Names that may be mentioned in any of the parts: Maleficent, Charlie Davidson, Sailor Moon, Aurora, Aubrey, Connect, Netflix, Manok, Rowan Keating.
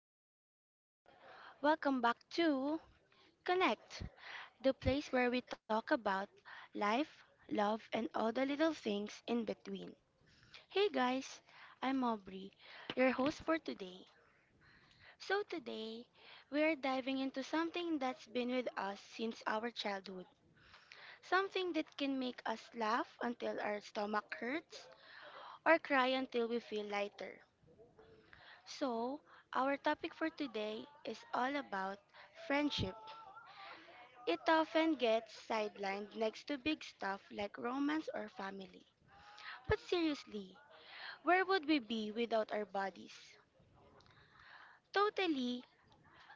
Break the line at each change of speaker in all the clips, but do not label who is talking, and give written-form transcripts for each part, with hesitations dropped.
Hello, everyone. Welcome back to Connect, the place where we talk about life, love, and all the little things in between. Hey, guys, I'm Aubrey, your host for today. So, today, we are diving into something that's been with us since our childhood, something that can make us laugh until our stomach hurts or cry until we feel lighter. So, our topic for today is all about friendship. It often gets sidelined next to big stuff like romance or family. But seriously, where would we be without our bodies? Totally,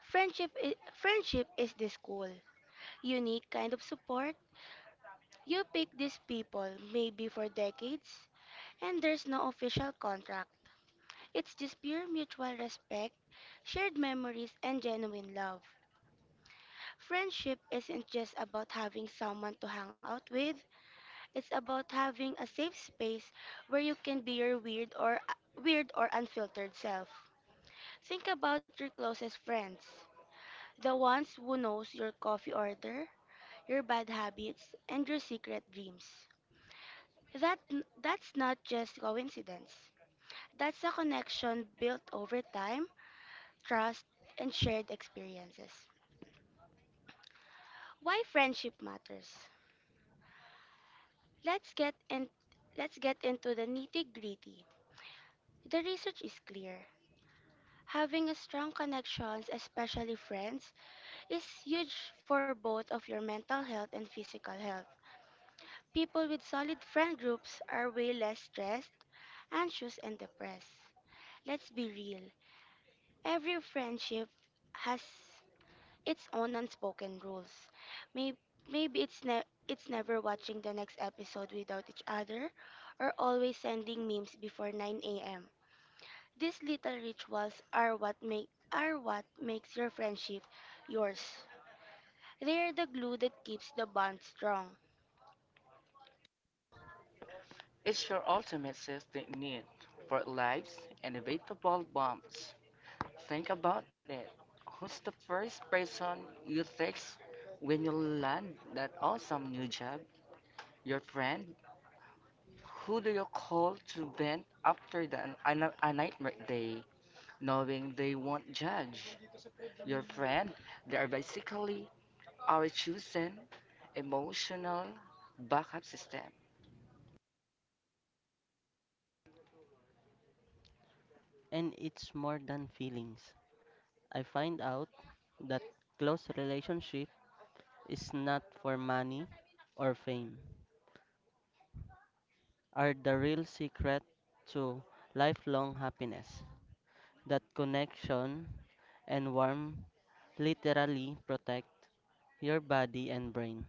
friendship is, friendship is this cool, unique kind of support. You pick these people maybe for decades, and there's no official contract. It's just pure mutual respect, shared memories, and genuine love. Friendship isn't just about having someone to hang out with. It's about having a safe space where you can be your weird or unfiltered self. Think about your closest friends, the ones who knows your coffee order, your bad habits, and your secret dreams. That that's not just coincidence. That's a connection built over time, trust, and shared experiences. Why friendship matters. Let's get in, let's get into the nitty-gritty. The research is clear. Having a strong connections, especially friends, is huge for both of your mental health and physical health. People with solid friend groups are way less stressed, anxious, and depressed. Let's be real. Every friendship has its own unspoken rules. May- Maybe it's never watching the next episode without each other or always sending memes before 9 a.m. These little rituals are what makes your friendship yours. They are the glue that keeps the bond strong.
It's your ultimate safety net for lives and evitable bombs. Think about it. Who's the first person you text when you land that awesome new job? Your friend? Who do you call to vent after a nightmare day, knowing they won't judge? Your friend? They are basically our chosen emotional backup system.
And it's more than feelings. I find out that close relationship is not for money or fame, are the real secret to lifelong happiness. That connection and warmth literally protect your body and brain.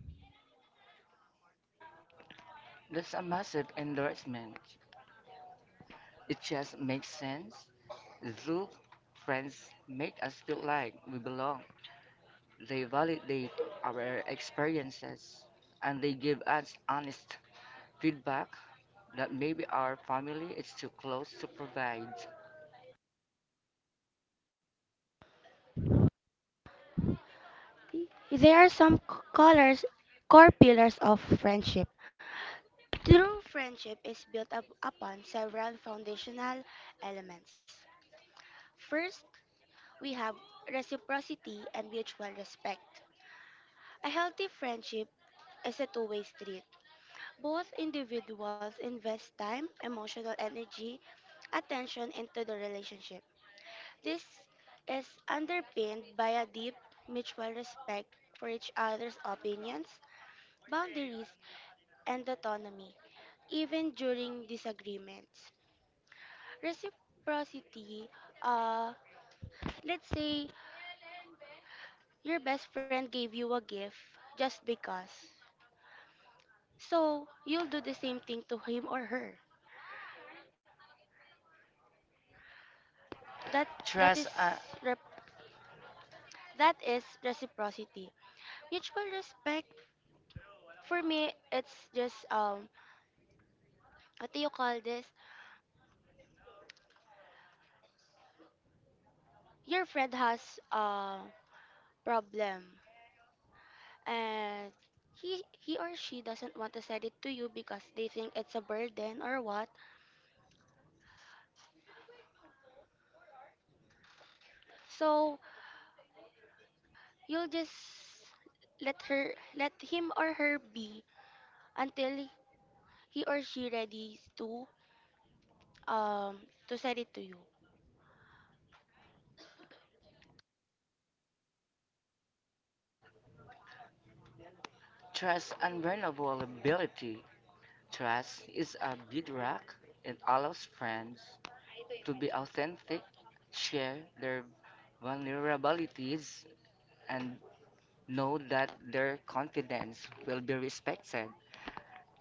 That's a massive endorsement. It just makes sense. Zoo friends make us feel like we belong. They validate our experiences, and they give us honest feedback that maybe our family is too close to provide.
They are some c- colors core pillars of friendship. True friendship is built up upon several foundational elements. First, we have reciprocity and mutual respect. A healthy friendship is a two-way street. Both individuals invest time, emotional energy, attention into the relationship. This is underpinned by a deep mutual respect for each other's opinions, boundaries, and autonomy, even during disagreements. Reciprocity, uh, let's say your best friend gave you a gift just because. So you'll do the same thing to him or her. That that is
Trust, uh,
rep- that is reciprocity. Mutual respect for me, it's just what do you call this? Your friend has a problem and he or she doesn't want to send it to you because they think it's a burden or what. So you'll just let her let him or her be until he or she ready um to send it to you.
trust and vulnerability. Trust is a bedrock. It allows friends to be authentic, share their vulnerabilities, and know that their confidence will be respected.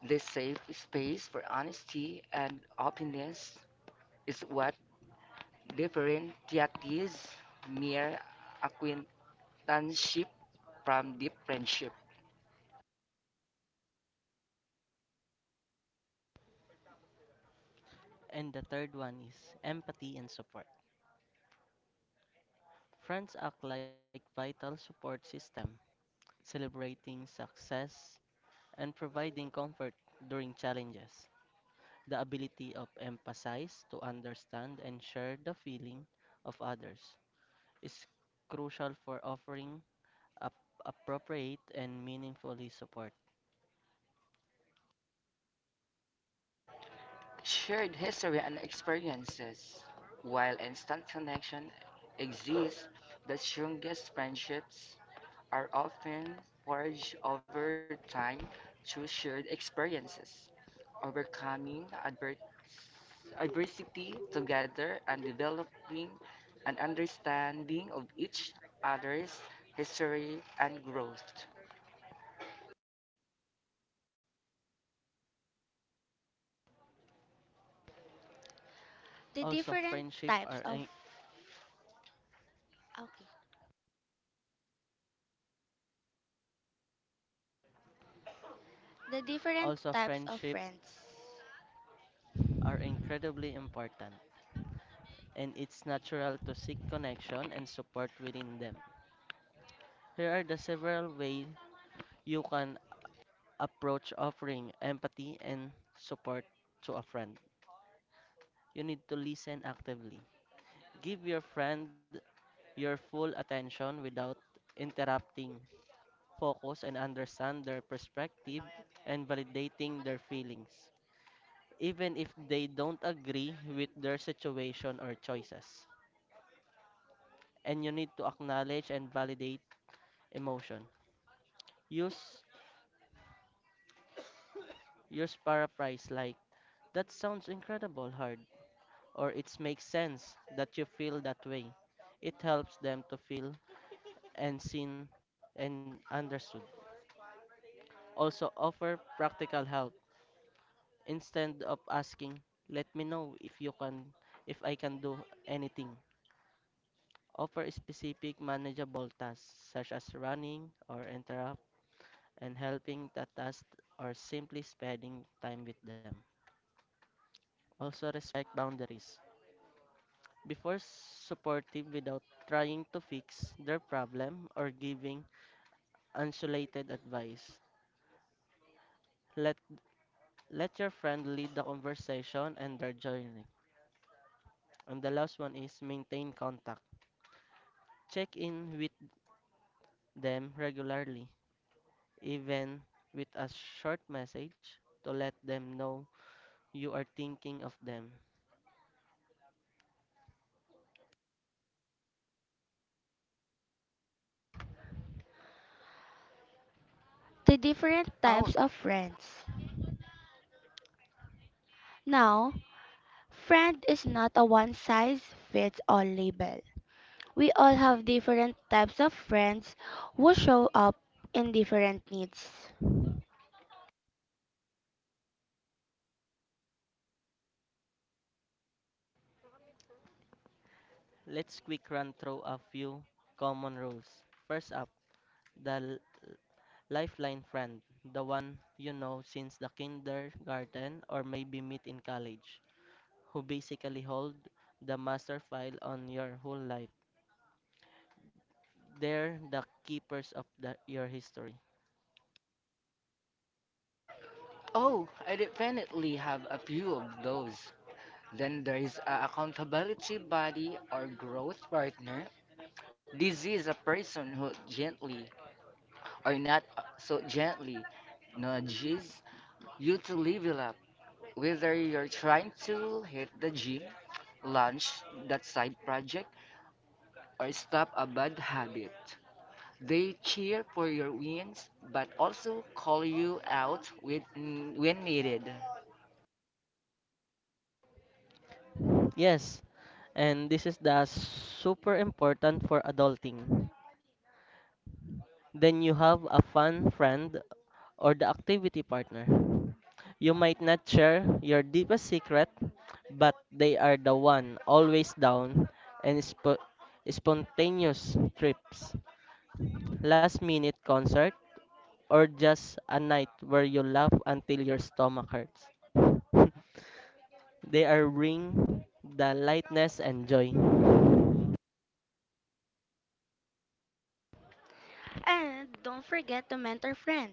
This safe space for honesty and openness is what differentiates mere acquaintanceship from deep friendship.
And the third one is empathy and support. Friends act like vital support system, celebrating success and providing comfort during challenges. The ability of empathize to understand and share the feeling of others is crucial for offering ap- appropriate and meaningfully support.
Shared history and experiences. While instant connection exists, the strongest friendships are often forged over time through shared experiences, overcoming adversity together, and developing an understanding of each other's history and growth.
The
Also,
different types of okay. The different types of
friendship
friends.
are incredibly important, and it's natural to seek connection and support within them. Here are the several ways you can approach offering empathy and support to a friend. You need to listen actively. Give your friend your full attention without interrupting, focus and understand their perspective and validating their feelings, even if they don't agree with their situation or choices. And you need to acknowledge and validate emotion. Use use paraphrase like that sounds incredible hard or it makes sense that you feel that way. It helps them to feel and seen and understood. Also offer practical help. Instead of asking, let me know if I can do anything. Offer specific manageable tasks such as running or interrupt and helping the task or simply spending time with them. Also respect boundaries. Before supportive without trying to fix their problem or giving isolated advice. Let let your friend lead the conversation and their journey. And the last one is maintain contact. Check in with them regularly, even with a short message to let them know you are thinking of them.
The
Oh,
different types of friends. Now, friend is not a one size fits all label. We all have different types of friends who show up in different needs.
Let's quick run through a few common rules. First up, the lifeline friend, the one you know since the kindergarten or maybe meet in college, who basically hold the master file on your whole life. They're the keepers of the, your history.
oh, I definitely have a few of those. Then there is a accountability buddy or growth partner. This is a person who gently, or not so gently, nudges you to level up. Whether you're trying to hit the gym, launch that side project, or stop a bad habit, they cheer for your wins but also call you out when needed.
Yes, and this is the super important for adulting. Then you have a fun friend or the activity partner. You might not share your deepest secret, but they are the one always down and spontaneous trips, last minute concert, or just a night where you laugh until your stomach hurts. They are bring the lightness and joy.
And don't forget to mentor friend.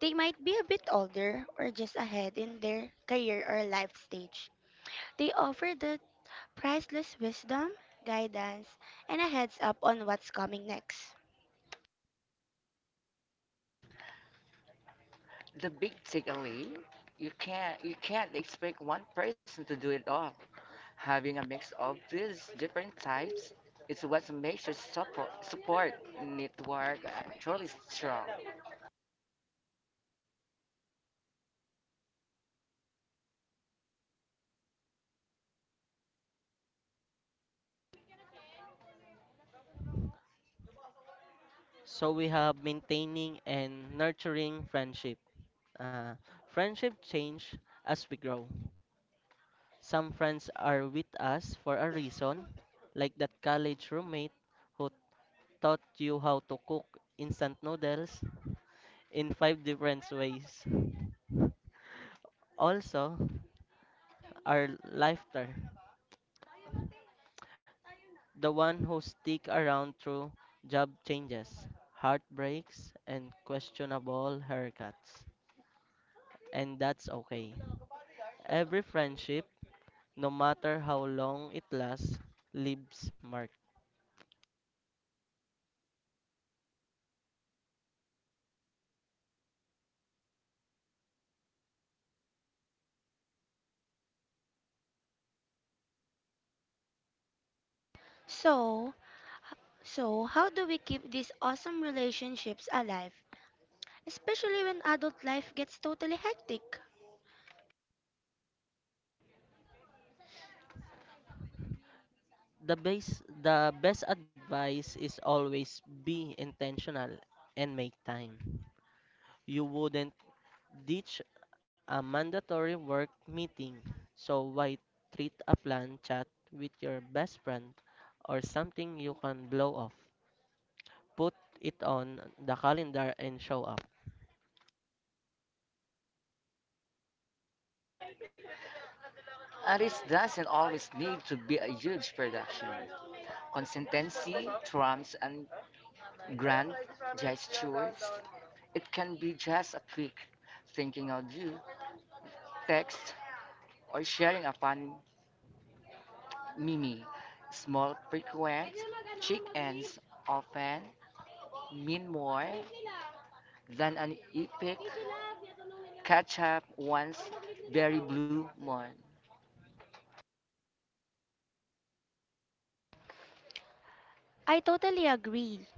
They might be a bit older or just ahead in their career or life stage. They offer the priceless wisdom, guidance, and a heads up on what's coming next.
The big takeaway: you can't expect one person to do it all. Having a mix of these different types is what makes your support network actually strong.
So we have maintaining and nurturing friendship. Uh, friendship change as we grow. Some friends are with us for a reason, like that college roommate who taught you how to cook instant noodles in five different ways. Also, our lifter, the one who stick around through job changes, heartbreaks, and questionable haircuts. And that's okay. Every friendship, no matter how long it lasts, leaves marks.
So, so, how do we keep these awesome relationships alive, especially when adult life gets totally hectic?
The best advice is always be intentional and make time. You wouldn't ditch a mandatory work meeting, so why treat a plan chat with your best friend or something you can blow off? Put it on the calendar and show up.
And it doesn't always need to be a huge production. Consistency trumps and grand gestures. It can be just a quick thinking of you, text, or sharing a fun meme. Small, frequent check ins often mean more than an epic catch up once very blue moon.
I totally agree.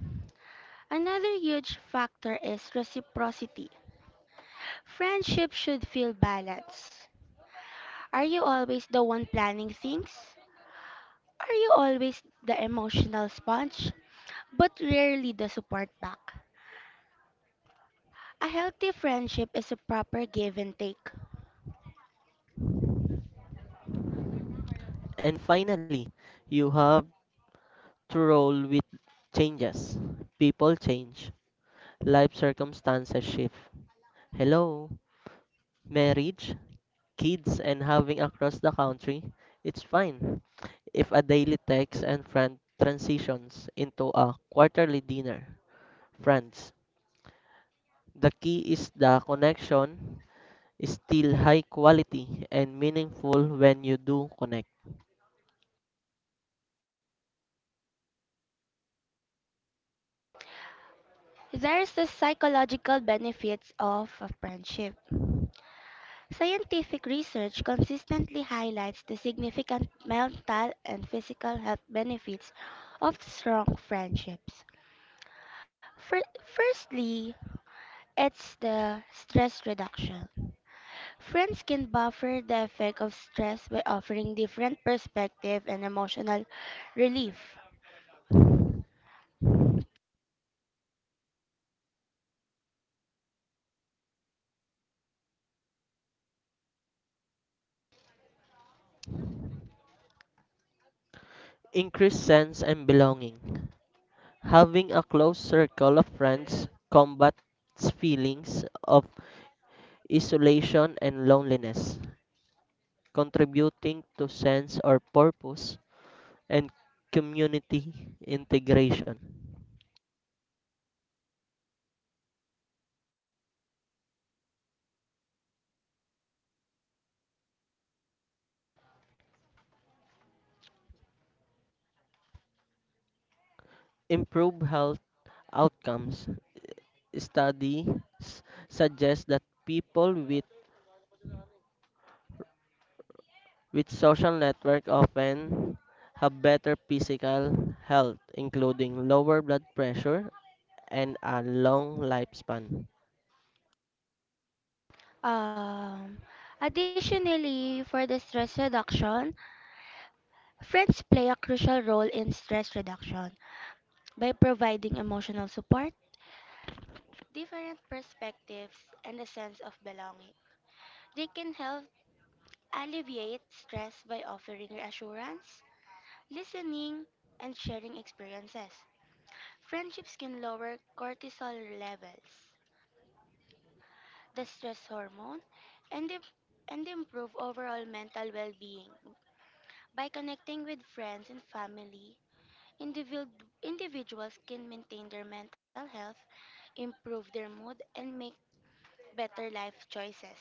Another huge factor is reciprocity. Friendship should feel balanced. Are you always the one planning things? Are you always the emotional sponge, but rarely the support back? A healthy friendship is a proper give and take.
And finally, you have to roll with changes. People change, life circumstances shift. Hello, marriage, kids and having across the country, it's fine if a daily text and friend transitions into a quarterly dinner. Friends, the key is the connection is still high quality and meaningful when you do connect.
There's the psychological benefits of a friendship. Scientific research consistently highlights the significant mental and physical health benefits of strong friendships. Firstly, it's the stress reduction. Friends can buffer the effect of stress by offering different perspective and emotional relief.
Increased sense and belonging. Having a close circle of friends combats feelings of isolation and loneliness, contributing to sense or purpose and community integration. Improve health outcomes. Studies suggest that people with social network often have better physical health, including lower blood pressure and a long lifespan.
Um, Additionally, for the stress reduction, friends play a crucial role in stress reduction by providing emotional support, different perspectives, and a sense of belonging. They can help alleviate stress by offering reassurance, listening, and sharing experiences. Friendships can lower cortisol levels, the stress hormone, and, im- and improve overall mental well being. By connecting with friends and family, individuals can maintain their mental health, improve their mood, and make better life choices.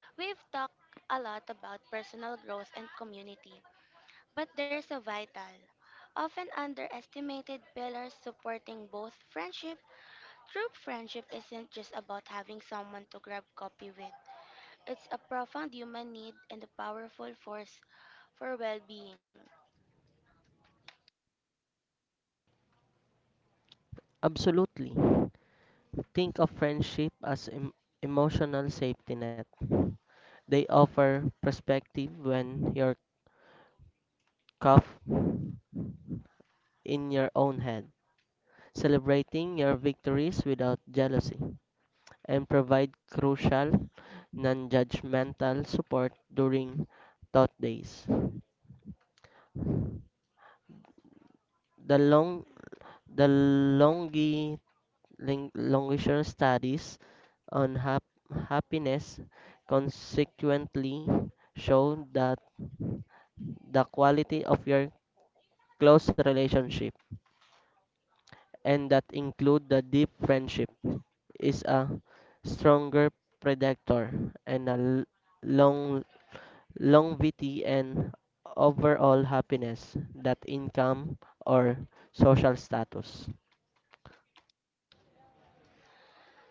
We've talked a lot about personal growth and community, but there's a vital, often underestimated pillar supporting both friendship. True friendship isn't just about having someone to grab coffee with. It's a profound human need and a powerful force for well-being.
Absolutely. Think of friendship as emotional safety net. They offer perspective when you're cuffed in your own head, celebrating your victories without jealousy, and provide crucial, non judgmental support during thought days. The long the longitudinal studies on happiness consequently show that the quality of your close relationship and that include the deep friendship is a stronger predictor and a long longevity, and overall happiness, that income or social status.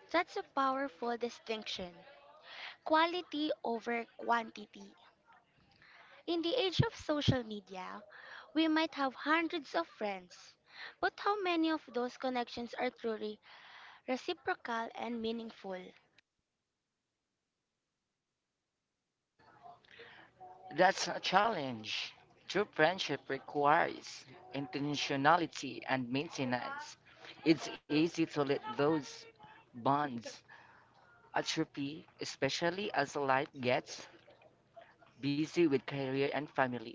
That's a powerful distinction. Quality over quantity. In the age of social media, we might have hundreds of friends, but how many of those connections are truly reciprocal and meaningful?
That's a challenge. True friendship requires intentionality and maintenance. It's easy to let those bonds atrophy, especially as life gets busy with career and family.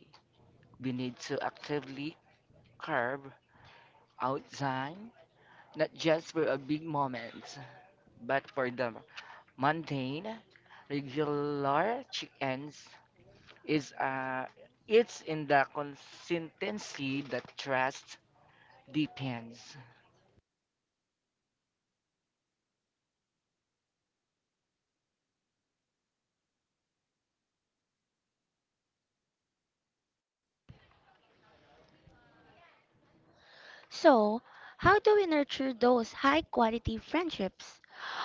We need to actively carve out time, not just for a big moment, but for the mundane, regular check-ins. Is It's in the consistency that trust depends.
So, how do we nurture those high quality friendships?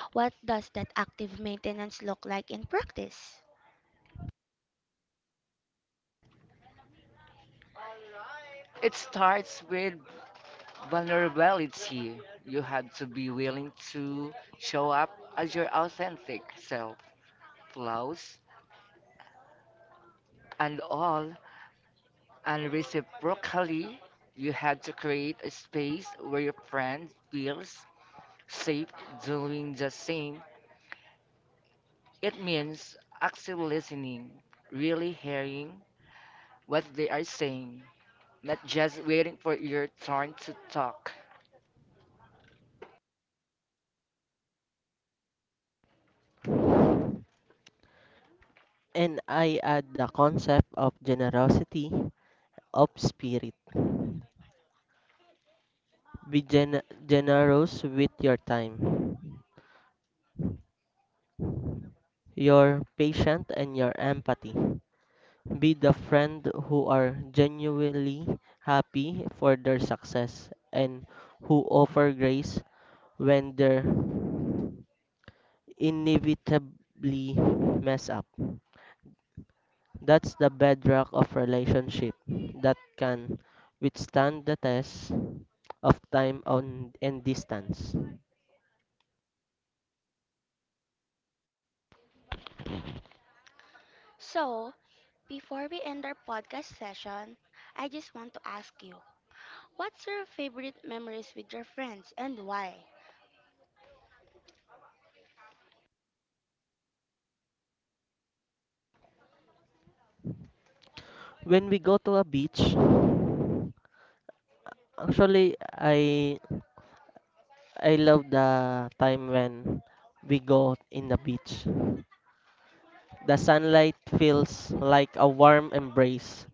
What does that active maintenance look like in practice?
It starts with vulnerability. You have to be willing to show up as your authentic self, flaws and all, and reciprocally, you have to create a space where your friend feels safe doing the same. It means active listening, really hearing what they are saying, not just waiting for your turn to talk.
And I add the concept of generosity of spirit. Be generous with your time, your patience, and your empathy. Be the friend who are genuinely happy for their success and who offer grace when they're inevitably mess up. That's the bedrock of relationship that can withstand the test of time on and distance.
So, before we end our podcast session, I just want to ask you, what's your favorite memories with your friends and why?
When we go to a beach, actually I love the time when we go in the beach. The sunlight feels like a warm embrace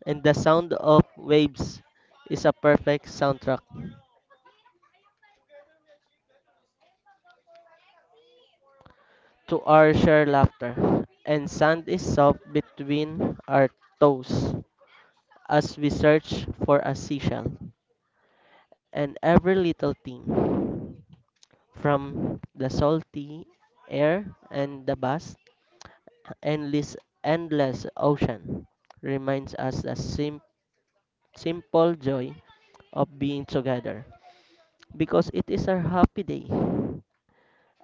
and the sound of waves is a perfect soundtrack to our shared laughter. And sand is soft between our toes as we search for a seashell and every little thing from the salty air and the vast endless endless ocean reminds us the simple joy of being together because it is a happy day,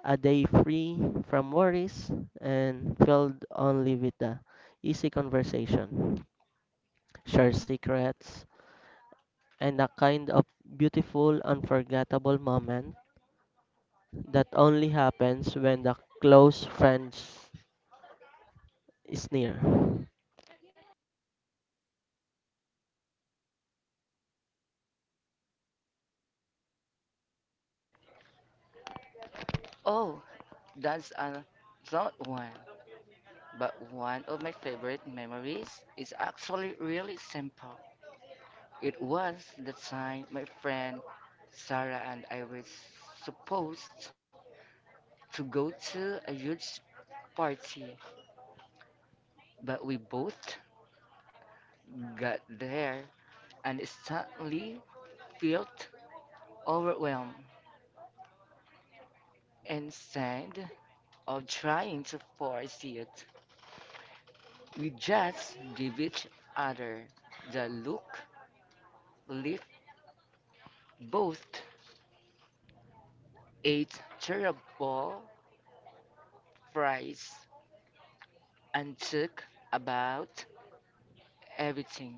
a day free from worries and filled only with the easy conversation shared secrets and the kind of beautiful unforgettable moment that only happens when the close friend is near.
Oh, that's a thought one. But one of my favorite memories is actually really simple. It was the time my friend Sarah and I were supposed to go to a huge party, but we both got there and suddenly felt overwhelmed. Instead of trying to force it, we just give each other the look, lift both, ate terrible fries, and talk about everything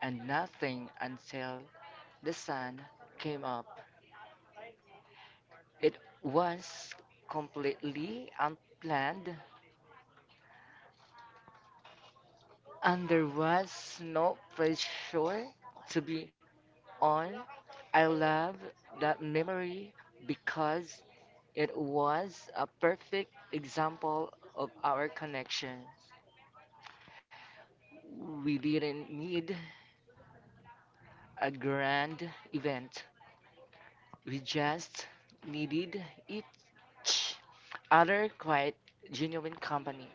and nothing until the sun came up. It was completely unplanned, and there was no pressure to be on. I love that memory because it was a perfect example of our connection. We didn't need a grand event. We just needed each other quite genuine company.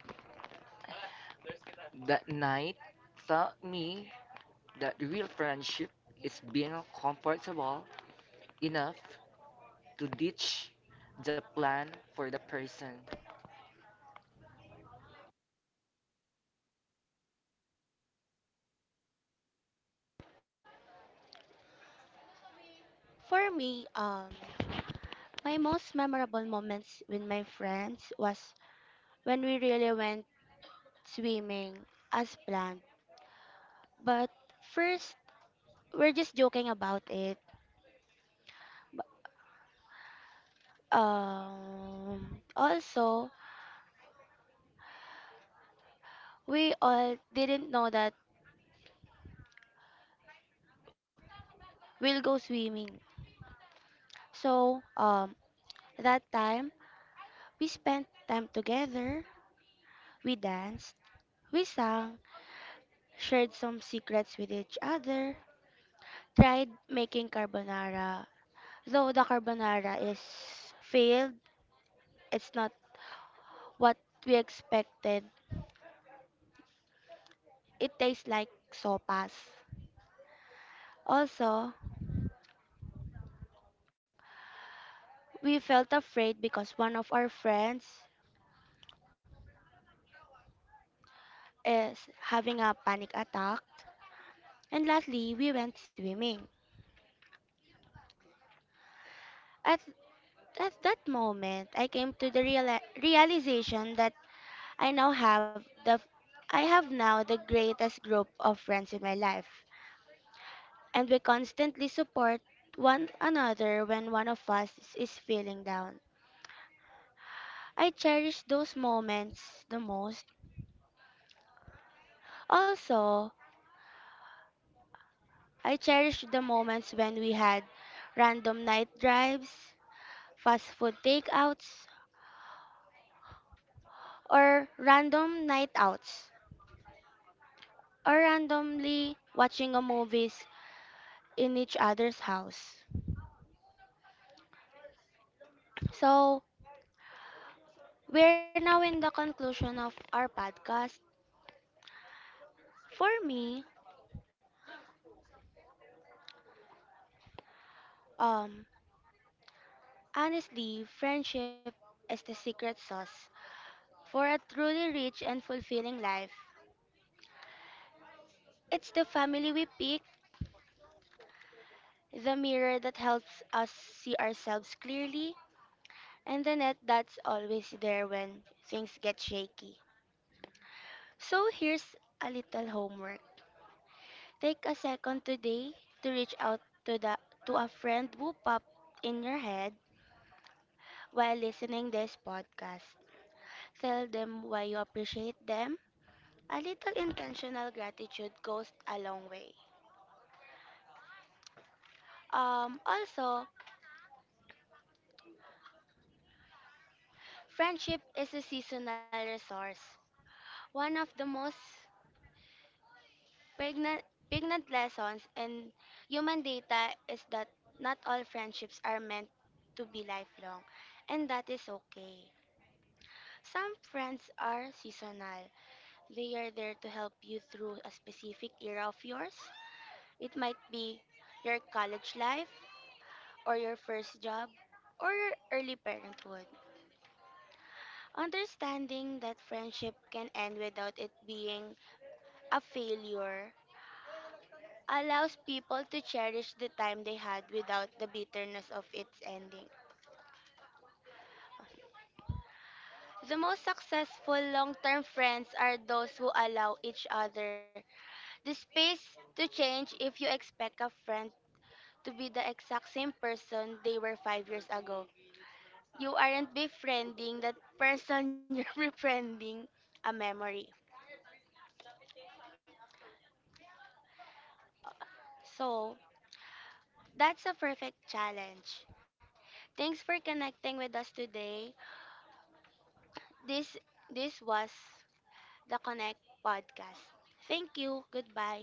That night taught me that real friendship is being comfortable enough to ditch the plan for the person.
For me, my most memorable moments with my friends was when we really went swimming as planned. But first, we're just joking about it. But, also, we all didn't know that we'll go swimming. So, that time, we spent time together, we danced, we sang, shared some secrets with each other, tried making carbonara. Though the carbonara is failed, it's not what we expected. It tastes like sopas. Also, we felt afraid because one of our friends is having a panic attack. And lastly, we went swimming. At, at that moment, I came to the realization that I now have the I have now the greatest group of friends in my life, and we constantly support one another when one of us is feeling down. I cherish those moments the most. Also, I cherish the moments when we had random night drives, fast food takeouts, or random night outs, or randomly watching a movies in each other's house. So, we're now in the conclusion of our podcast. For me, um, honestly, friendship is the secret sauce for a truly rich and fulfilling life. It's the family we pick, the mirror that helps us see ourselves clearly, and the net that's always there when things get shaky. So here's a little homework. Take a second today to reach out to the to a friend who popped in your head while listening this podcast. Tell them why you appreciate them. A little intentional gratitude goes a long way. Also, friendship is a seasonal resource. One of the most pregnant, pregnant lessons in human data is that not all friendships are meant to be lifelong, and that is okay. Some friends are seasonal. They are there to help you through a specific era of yours. It might be your college life, or your first job, or your early parenthood. Understanding that friendship can end without it being a failure allows people to cherish the time they had without the bitterness of its ending. The most successful long term friends are those who allow each other the space to change if you expect a friend to be the exact same person they were 5 years ago. You aren't befriending that person, you're befriending a memory. So, that's a perfect challenge. Thanks for connecting with us today. This this was the Connect podcast. Thank you. Goodbye.